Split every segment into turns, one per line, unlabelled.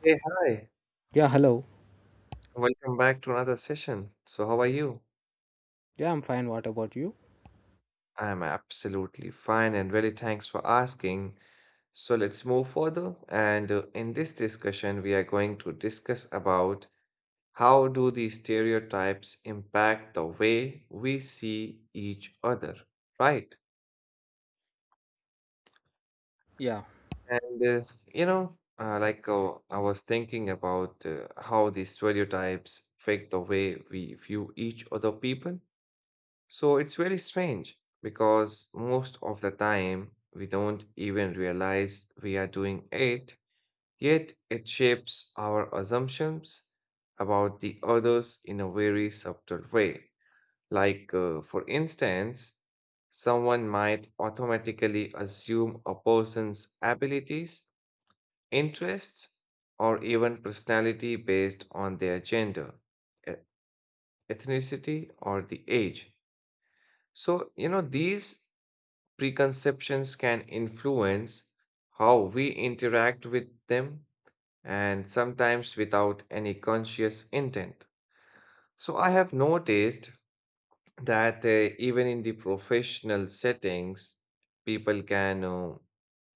Hey, hi.
Yeah, hello.
Welcome back to another session. So, how are you?
Yeah, I'm fine. What about you?
I'm absolutely fine and very thanks for asking. So, let's move further. And In this discussion, we are going to discuss about how do these stereotypes impact the way we see each other, right?
Yeah.
And you know, like I was thinking about how these stereotypes affect the way we view each other people. So it's very strange because most of the time we don't even realize we are doing it, yet it shapes our assumptions about the others in a very subtle way. For instance, someone might automatically assume a person's abilities, interests, or even personality based on their gender, e- ethnicity, or the age. So, you know, these preconceptions can influence how we interact with them, and sometimes without any conscious intent. So, I have noticed that even in the professional settings, people can,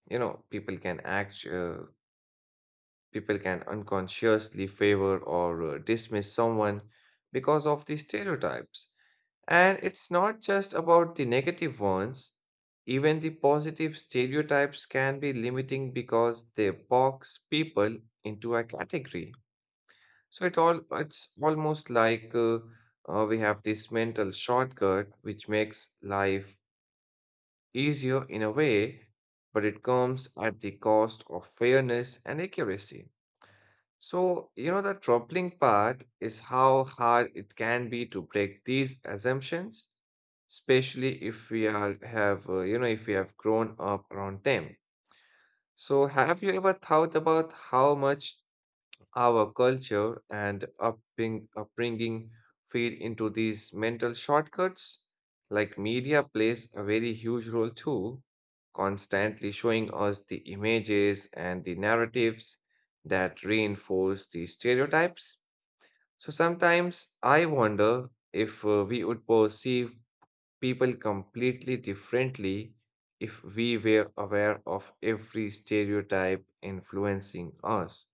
you know, people can act, people can unconsciously favor or dismiss someone because of these stereotypes. And it's not just about the negative ones, even the positive stereotypes can be limiting because they box people into a category. It's almost like we have this mental shortcut which makes life easier in a way, but it comes at the cost of fairness and accuracy. So, you know, the troubling part is how hard it can be to break these assumptions, especially if we are have, you know, if we have grown up around them. So, have you ever thought about how much our culture and upbringing feed into these mental shortcuts? Like, media plays a very huge role too, constantly showing us the images and the narratives that reinforce these stereotypes. So sometimes I wonder if we would perceive people completely differently if we were aware of every stereotype influencing us.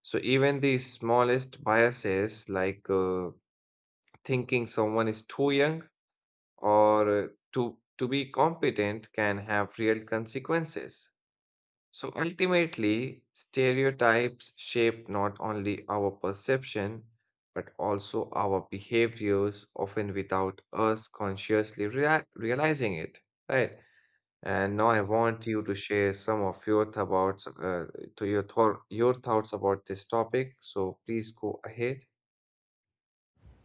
So even the smallest biases, like thinking someone is too young or to be competent, can have real consequences. So ultimately, stereotypes shape not only our perception but also our behaviors, often without us consciously realizing it. Right. And now I want you to share some of your thoughts, your thoughts about this topic. So please go ahead.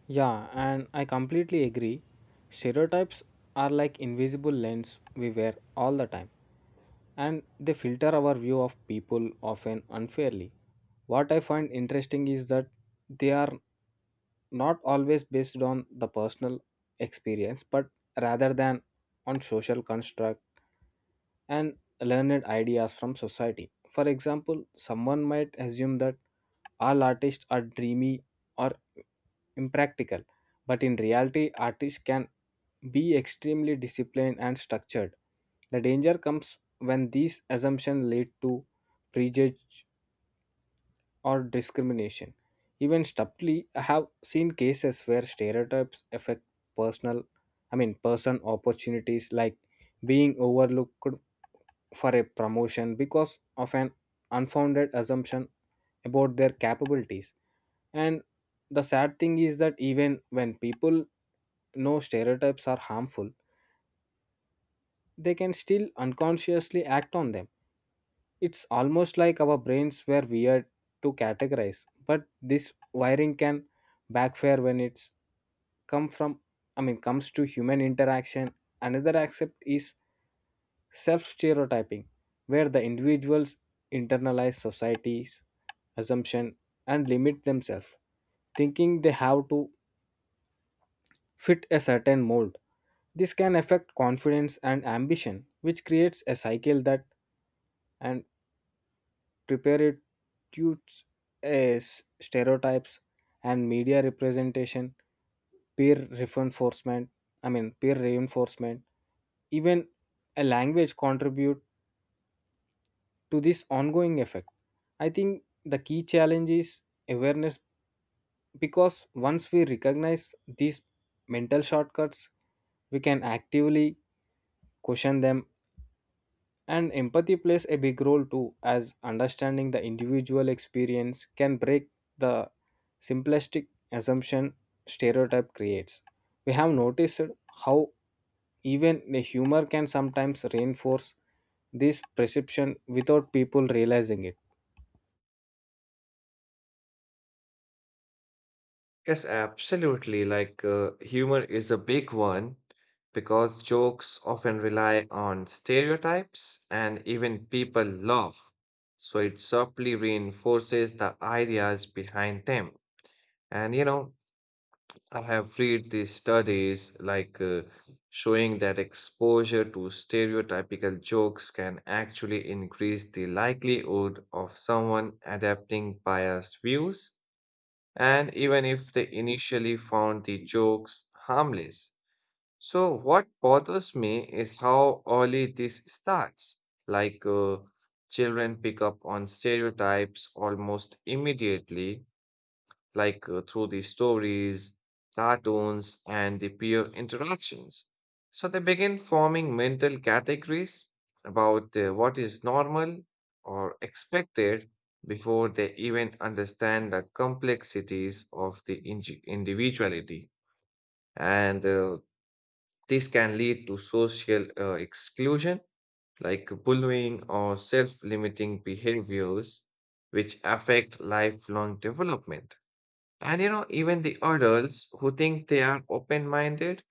Yeah, and I completely agree. Stereotypes are like invisible lens we wear all the time, and they filter our view of people often unfairly. What I find interesting is that they are not always based on the personal experience, but rather than on social construct and learned ideas from society. For example, someone might assume that all artists are dreamy or impractical, but in reality, artists can be extremely disciplined and structured. The danger comes when these assumptions lead to prejudice or discrimination. Even subtly, I have seen cases where stereotypes affect personal, person opportunities like being overlooked for a promotion because of an unfounded assumption about their capabilities. And the sad thing is that even when people know stereotypes are harmful, they can still unconsciously act on them. It's almost like our brains were weird to categorize, but this wiring can backfire when it's come from I mean comes to human interaction. Another aspect is self stereotyping, where the individuals internalize society's assumption and limit themselves, thinking they have to fit a certain mold. This can affect confidence and ambition, which creates a cycle that and preparatutes as stereotypes and media representation, peer reinforcement, peer reinforcement, even a language contribute to this ongoing effect. I think the key challenge is awareness, because once we recognize these mental shortcuts, we can actively question them, and empathy plays a big role too, as understanding the individual experience can break the simplistic assumption stereotype creates. We have noticed how even the humor can sometimes reinforce this perception without people realizing it.
Yes, absolutely. Like, humor is a big one because jokes often rely on stereotypes and even people laugh. So it subtly reinforces the ideas behind them. And you know, I have read these studies like showing that exposure to stereotypical jokes can actually increase the likelihood of someone adapting biased views, and even if they initially found the jokes harmless. So, what bothers me is how early this starts. Like, children pick up on stereotypes almost immediately, like through the stories, cartoons, and the peer interactions. So they begin forming mental categories about what is normal or expected before they even understand the complexities of the individuality. And This can lead to social exclusion, like bullying or self limiting behaviors, which affect lifelong development. And you know, even the adults who think they are open minded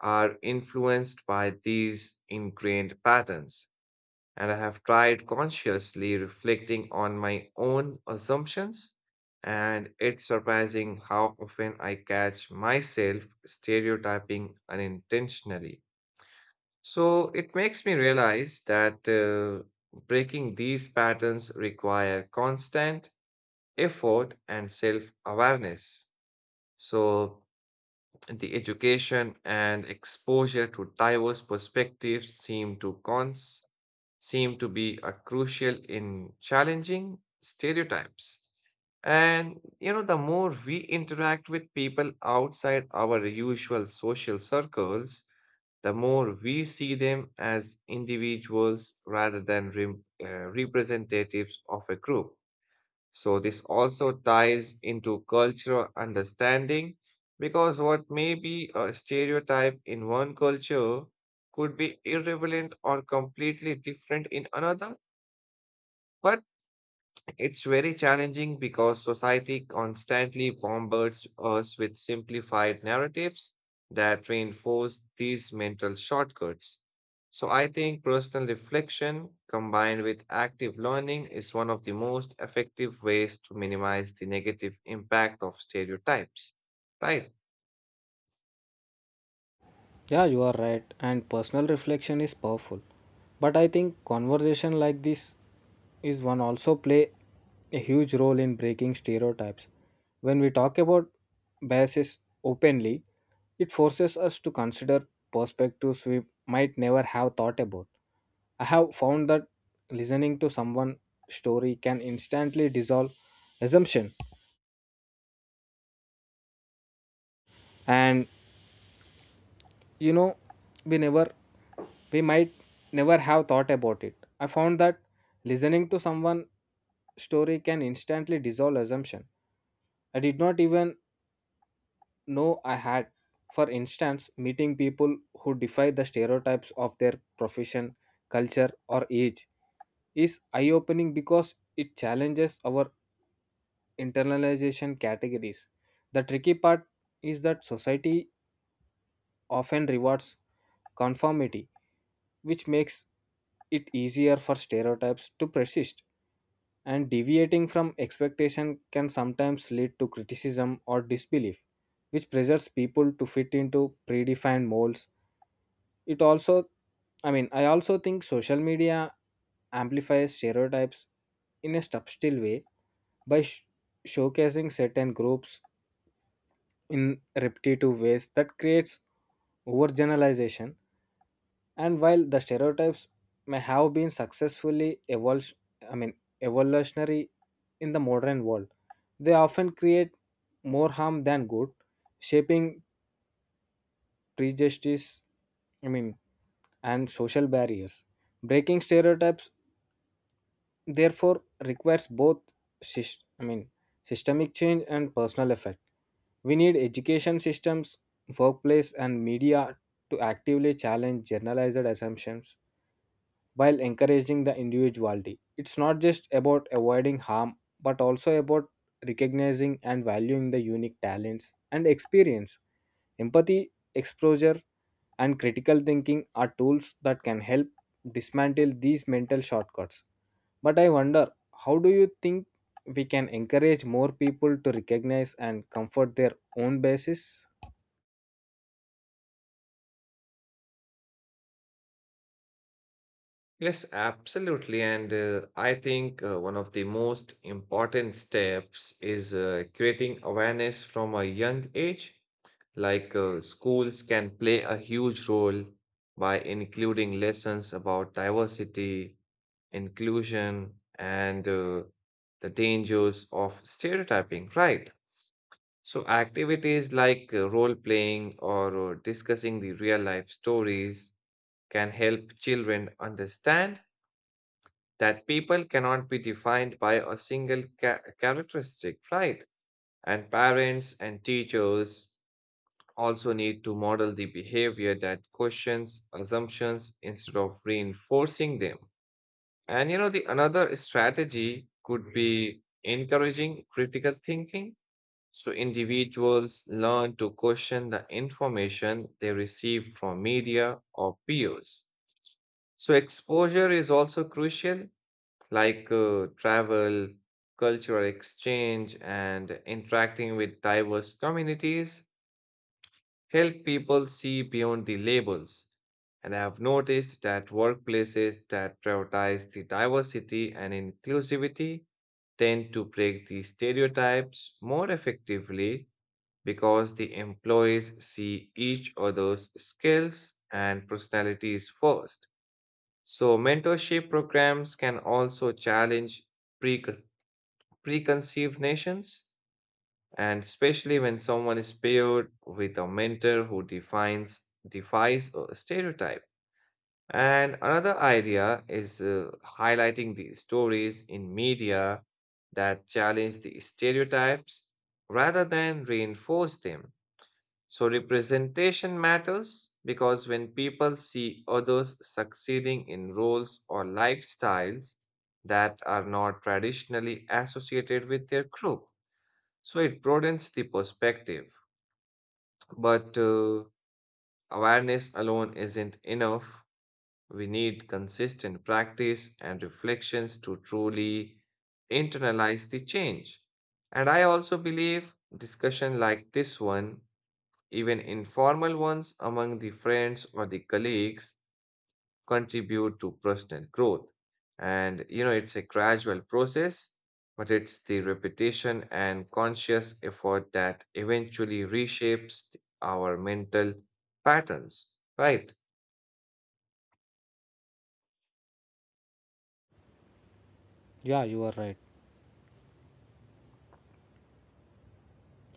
are influenced by these ingrained patterns. And I have tried consciously reflecting on my own assumptions. And it's surprising how often I catch myself stereotyping unintentionally. So it makes me realize that breaking these patterns require constant effort and self awareness. So the education and exposure to diverse perspectives seem to be a crucial in challenging stereotypes. And you know, the more we interact with people outside our usual social circles, the more we see them as individuals rather than representatives of a group. So, this also ties into cultural understanding because what may be a stereotype in one culture could be irrelevant or completely different in another. But it's very challenging because society constantly bombards us with simplified narratives that reinforce these mental shortcuts. So, I think personal reflection combined with active learning is one of the most effective ways to minimize the negative impact of stereotypes, right?
Yeah, you are right, and personal reflection is powerful. But I think conversation like this is one also play a huge role in breaking stereotypes. When we talk about biases openly, it forces us to consider perspectives we might never have thought about. I have found that listening to someone's story can instantly dissolve assumption, and you know we never we might never have thought about it. I found that listening to someone story can instantly dissolve assumption I did not even know I had. For instance, meeting people who defy the stereotypes of their profession, culture, or age is eye opening, because it challenges our internalization categories. The tricky part is that society often rewards conformity, which makes it easier for stereotypes to persist. And deviating from expectation can sometimes lead to criticism or disbelief, which pressures people to fit into predefined molds. It also, I mean, I also think social media amplifies stereotypes in a subtle way by showcasing certain groups in repetitive ways that creates overgeneralization. And while the stereotypes may have been successfully I mean, evolutionary in the modern world, they often create more harm than good, shaping prejudice, I mean, and social barriers. Breaking stereotypes, therefore, requires both, sys- I mean, systemic change and personal effect. We need education systems, workplace, and media to actively challenge generalized assumptions while encouraging the individuality. It's not just about avoiding harm, but also about recognizing and valuing the unique talents and experience. Empathy, exposure, and critical thinking are tools that can help dismantle these mental shortcuts. But I wonder, how do you think we can encourage more people to recognize and comfort their own basis?
Yes, absolutely. And I think One of the most important steps is creating awareness from a young age. Like, schools can play a huge role by including lessons about diversity, inclusion, and the dangers of stereotyping, right? So, activities like role playing or discussing the real life stories can help children understand that people cannot be defined by a single characteristic, right? And parents and teachers also need to model the behavior that questions assumptions instead of reinforcing them. And you know, the another strategy could be encouraging critical thinking. So individuals learn to question the information they receive from media or peers. So exposure is also crucial, like travel, cultural exchange, and interacting with diverse communities help people see beyond the labels. And I have noticed that workplaces that prioritize the diversity and inclusivity tend to break the stereotypes more effectively because the employees see each other's skills and personalities first. So, mentorship programs can also challenge preconceptions preconceived nations, and especially when someone is paired with a mentor who defines defies a stereotype. And another idea is highlighting the stories in media that challenge the stereotypes rather than reinforce them. So representation matters because when people see others succeeding in roles or lifestyles that are not traditionally associated with their group, so it broadens the perspective. But Awareness alone isn't enough. We need consistent practice and reflections to truly internalize the change. And I also believe discussion like this one, even informal ones among the friends or the colleagues, contribute to personal growth. And you know, it's a gradual process, but it's the repetition and conscious effort that eventually reshapes our mental patterns, right?
Yeah, you are right.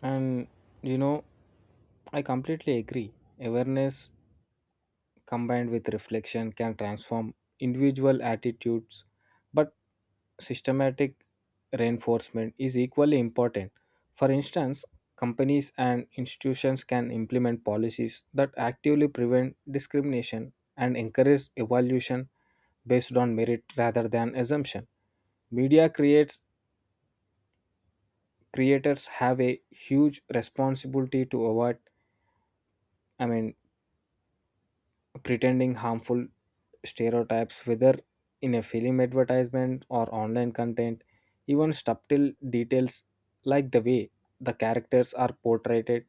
And you know, I completely agree. Awareness combined with reflection can transform individual attitudes, but systematic reinforcement is equally important. For instance, companies and institutions can implement policies that actively prevent discrimination and encourage evaluation based on merit rather than assumption. Media creates creators have a huge responsibility to avoid, I mean pretending harmful stereotypes, whether in a film advertisement or online content. Even subtle details like the way the characters are portrayed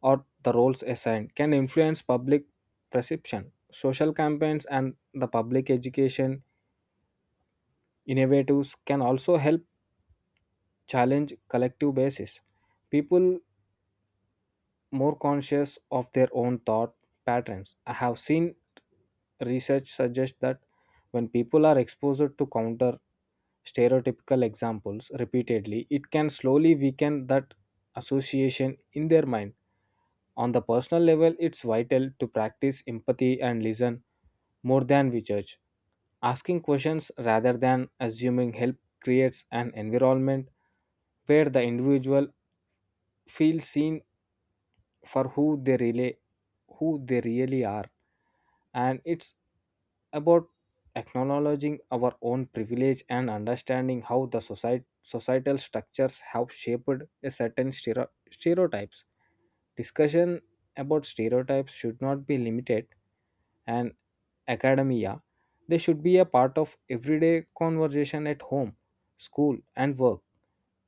or the roles assigned can influence public perception. Social campaigns and the public education innovatives can also help challenge collective basis. People more conscious of their own thought patterns. I have seen research suggest that when people are exposed to counter stereotypical examples repeatedly, it can slowly weaken that association in their mind. On the personal level, it's vital to practice empathy and listen more than we judge. Asking questions rather than assuming help creates an environment where the individual feels seen for who they really are. And it's about acknowledging our own privilege and understanding how societal structures have shaped a certain stereotypes. Discussion about stereotypes should not be limited and academia, they should be a part of everyday conversation at home, school and work.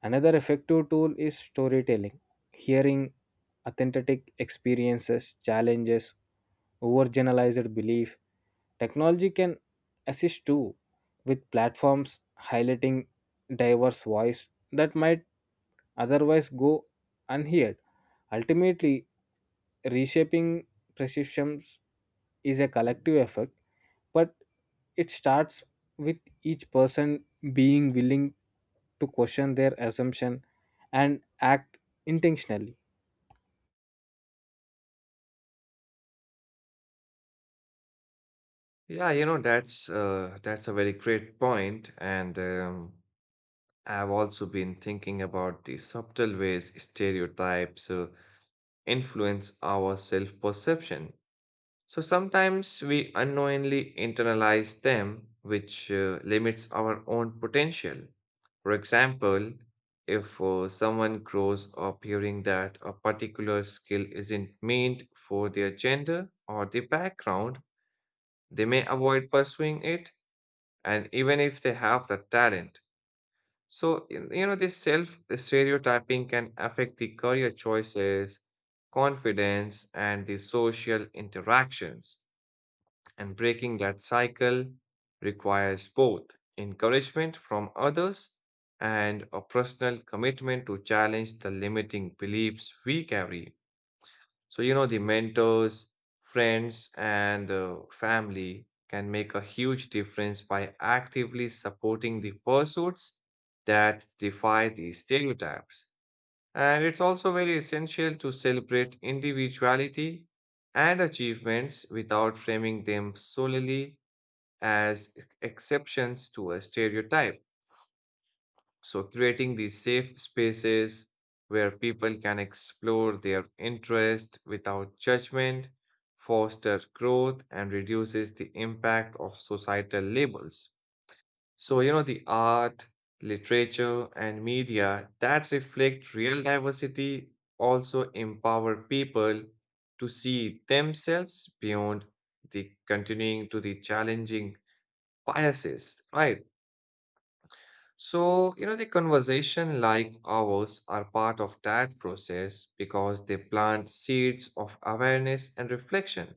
Another effective tool is storytelling, hearing authentic experiences, challenges, overgeneralized belief. Technology can assist too, with platforms highlighting diverse voice that might otherwise go unheard. Ultimately, reshaping perceptions is a collective effort, but it starts with each person being willing to question their assumption and act intentionally.
Yeah, you know, that's a very great point, point. And I've also been thinking about the subtle ways stereotypes influence our self-perception. So sometimes we unknowingly internalize them, which limits our own potential. For example, if someone grows up hearing that a particular skill isn't meant for their gender or their background, they may avoid pursuing it, and even if they have the talent. So, you know, this self stereotyping can affect the career choices, confidence, and the social interactions. And breaking that cycle requires both encouragement from others and a personal commitment to challenge the limiting beliefs we carry. So, you know, the mentors, friends, and family can make a huge difference by actively supporting the pursuits that defy the stereotypes. And it's also very essential to celebrate individuality and achievements without framing them solely as exceptions to a stereotype. So, creating these safe spaces where people can explore their interest without judgment foster growth and reduces the impact of societal labels. So, you know, the art, literature, and media that reflect real diversity also empower people to see themselves beyond the continuing to the challenging biases, right? So, you know, the conversation like ours are part of that process because they plant seeds of awareness and reflection.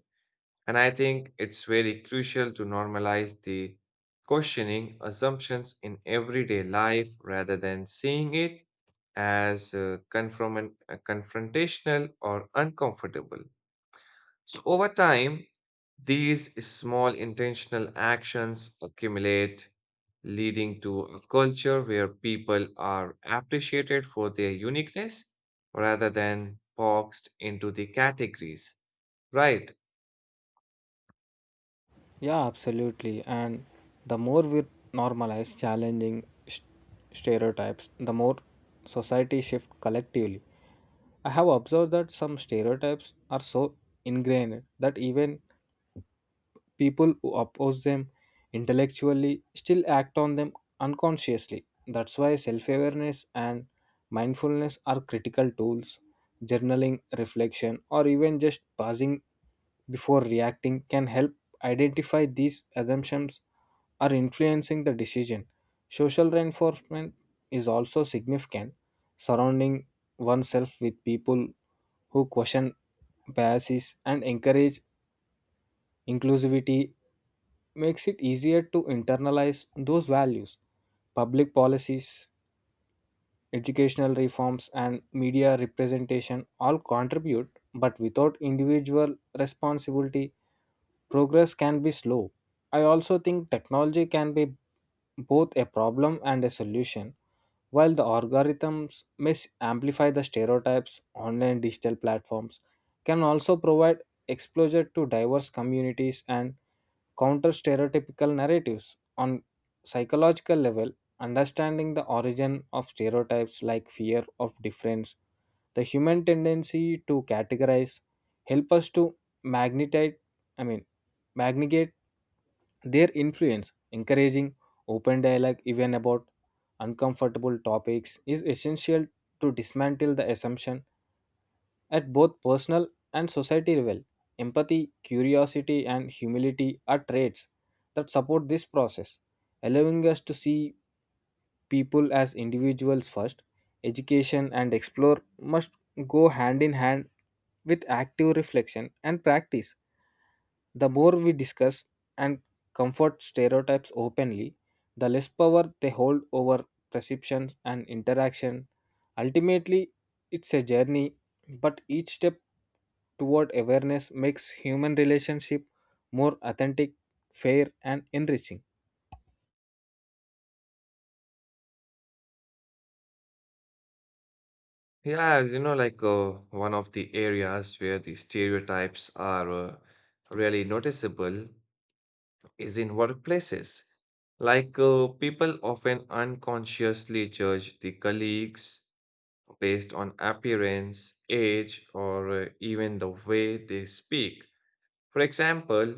And I think it's very crucial to normalize the questioning assumptions in everyday life rather than seeing it as confrontational or uncomfortable. So over time, these small intentional actions accumulate, leading to a culture where people are appreciated for their uniqueness rather than boxed into the categories. Right.
Yeah, absolutely. And the more we normalize challenging stereotypes, the more society shift collectively. I have observed that some stereotypes are so ingrained that even people who oppose them intellectually still act on them unconsciously. That's why self awareness and mindfulness are critical tools. Journaling, reflection, or even just pausing before reacting can help identify these assumptions are influencing the decision. Social reinforcement is also significant. Surrounding oneself with people who question biases and encourage inclusivity makes it easier to internalize those values. Public policies, educational reforms, and media representation all contribute, but without individual responsibility, progress can be slow. I also think technology can be both a problem and a solution. While the algorithms may amplify the stereotypes, online digital platforms can also provide exposure to diverse communities and counter stereotypical narratives. On psychological level, understanding the origin of stereotypes, like fear of difference, the human tendency to categorize, help us to magnetize, I mean, magnate their influence. Encouraging open dialogue even about uncomfortable topics is essential to dismantle the assumption at both personal and society level. Empathy, curiosity, and humility are traits that support this process, allowing us to see people as individuals first. Education and explore must go hand in hand with active reflection and practice. The more we discuss and comfort stereotypes openly, the less power they hold over perceptions and interaction. Ultimately, it's a journey, but each step toward awareness makes human relationship more authentic, fair, and enriching.
Yeah, you know, like one of the areas where the stereotypes are really noticeable is in workplaces. Like, people often unconsciously judge the colleagues based on appearance, age, or even the way they speak. For example,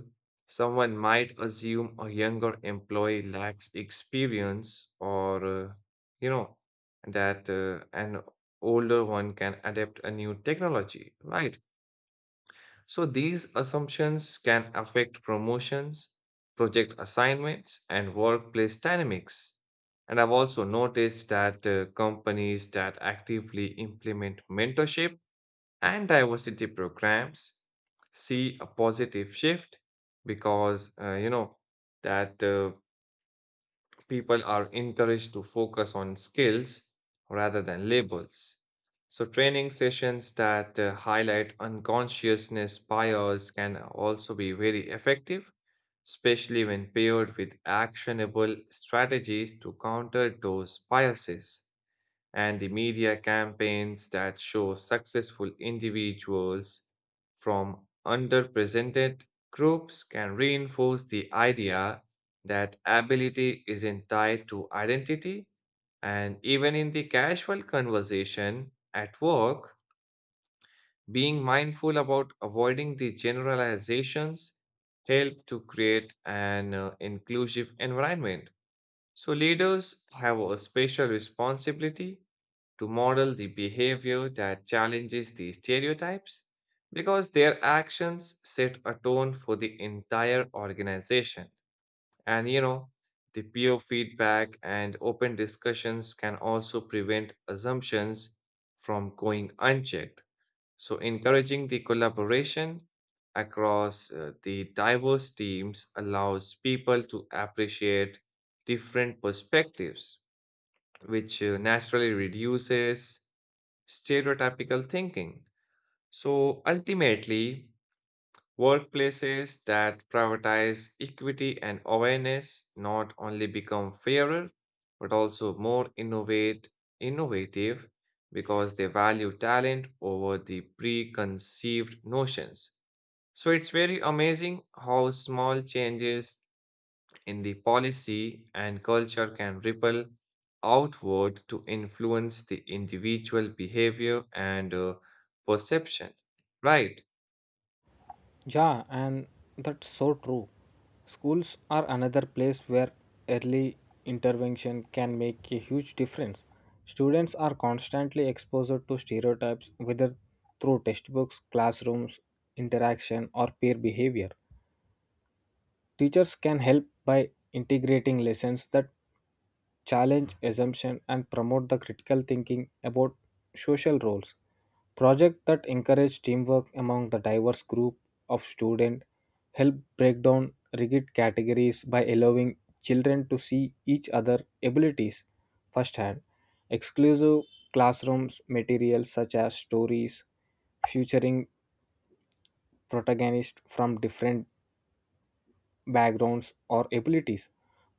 someone might assume a younger employee lacks experience or, you know, that an older one can adapt a new technology, right? So these assumptions can affect promotions, project assignments, and workplace dynamics. And I've also noticed that companies that actively implement mentorship and diversity programs see a positive shift because, you know, that people are encouraged to focus on skills rather than labels. So, training sessions that highlight unconsciousness bias can also be very effective, especially when paired with actionable strategies to counter those biases, and the media campaigns that show successful individuals from underrepresented groups can reinforce the idea that ability isn't tied to identity. And even in the casual conversation at work, being mindful about avoiding the generalizations help to create an inclusive environment. So leaders have a special responsibility to model the behavior that challenges these stereotypes because their actions set a tone for the entire organization. And you know, the peer feedback and open discussions can also prevent assumptions from going unchecked. So, encouraging the collaboration across the diverse teams allows people to appreciate different perspectives, which naturally reduces stereotypical thinking. So ultimately, workplaces that prioritize equity and awareness not only become fairer, but also more innovative because they value talent over the preconceived notions. So it's very amazing how small changes in the policy and culture can ripple outward to influence the individual behavior and perception. Right.
Yeah, and that's so true. Schools are another place where early intervention can make a huge difference. Students are constantly exposed to stereotypes, whether through textbooks, classrooms, interaction, or peer behavior. Teachers can help by integrating lessons that challenge assumption and promote the critical thinking about social roles. Projects that encourage teamwork among the diverse group of students help break down rigid categories by allowing children to see each other abilities firsthand. Exclusive classrooms materials, such as stories featuring protagonists from different backgrounds, or abilities,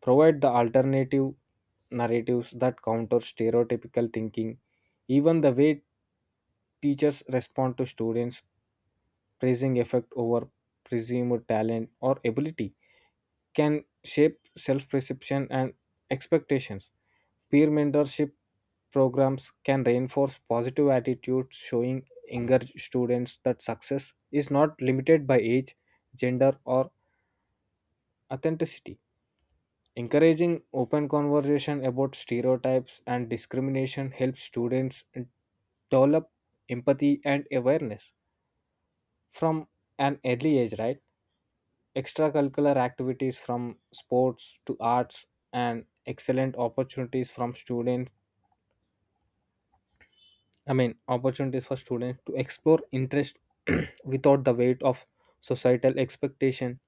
provide the alternative narratives that counter stereotypical thinking. Even the way teachers respond to students, praising effect over presumed talent or ability, can shape self perception and expectations. Peer mentorship programs can reinforce positive attitudes, showing younger students that success is not limited by age, gender, or authenticity. Encouraging open conversation about stereotypes and discrimination helps students develop empathy and awareness from an early age, right? Extracurricular activities from sports to arts and excellent opportunities from students, I mean, opportunities for students to explore interest without the weight of societal expectation.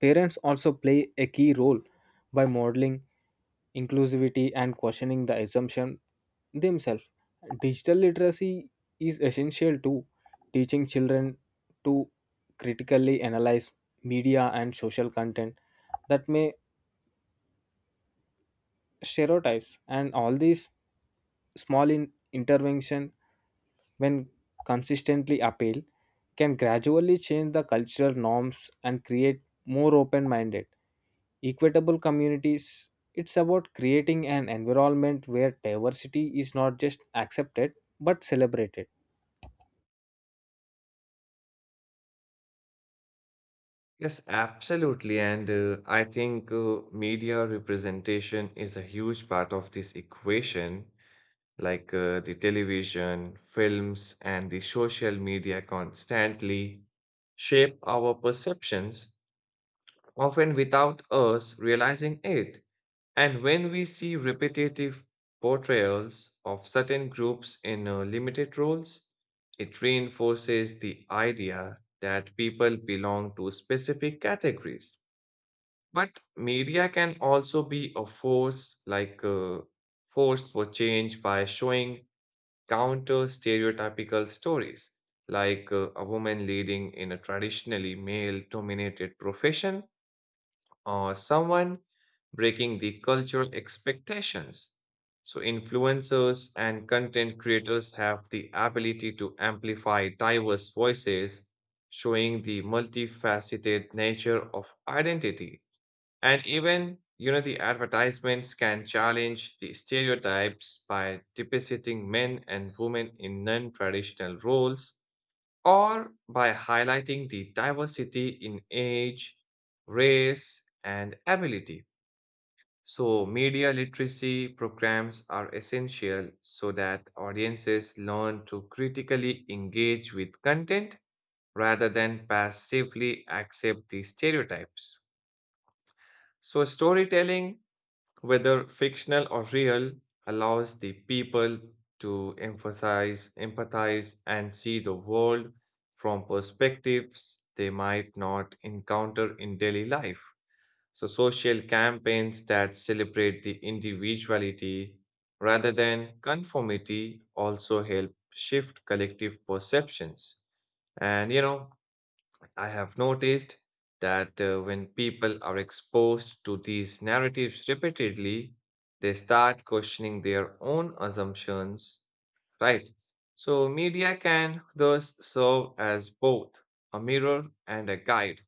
Parents also play a key role by modeling inclusivity and questioning the assumption themselves. Digital literacy is essential to teaching children to critically analyze media and social content that may stereotypes. And all these small intervention, when consistently appealed, can gradually change the cultural norms and create more open minded, equitable communities. It's about creating an environment where diversity is not just accepted but celebrated.
Yes, absolutely. And I think Media representation is a huge part of this equation, like the television, films, and the social media constantly shape our perceptions, often without us realizing it. And when we see repetitive portrayals of certain groups in limited roles, it reinforces the idea that people belong to specific categories. But media can also be a force, like a force for change, by showing counter stereotypical stories, like a woman leading in a traditionally male dominated profession or someone breaking the cultural expectations. So, influencers and content creators have the ability to amplify diverse voices, showing the multifaceted nature of identity. And even, you know, the advertisements can challenge the stereotypes by depicting men and women in non traditional roles or by highlighting the diversity in age, race, and ability. So, media literacy programs are essential so that audiences learn to critically engage with content rather than passively accept the stereotypes. So, storytelling, whether fictional or real, allows the people to emphasize, empathize, and see the world from perspectives they might not encounter in daily life. So, social campaigns that celebrate the individuality rather than conformity also help shift collective perceptions. And you know, I have noticed that when people are exposed to these narratives repeatedly, they start questioning their own assumptions, right? So, media can thus serve as both a mirror and a guide,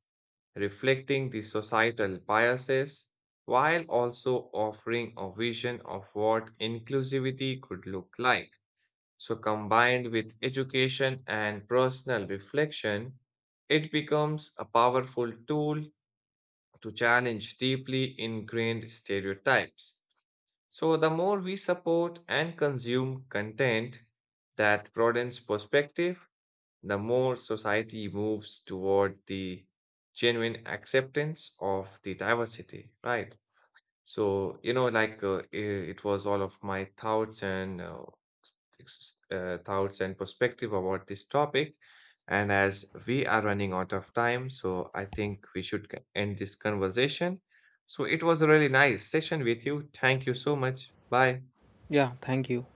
reflecting the societal biases while also offering a vision of what inclusivity could look like. So, combined with education and personal reflection, it becomes a powerful tool to challenge deeply ingrained stereotypes. So, the more we support and consume content that broadens perspective, the more society moves toward the genuine acceptance of the diversity, right? So, you know, like it was all of my thoughts and thoughts and perspective about this topic. And as we are running out of time, so I think we should end this conversation. So it was a really nice session with you. Thank you so much. Bye.
Yeah, thank you.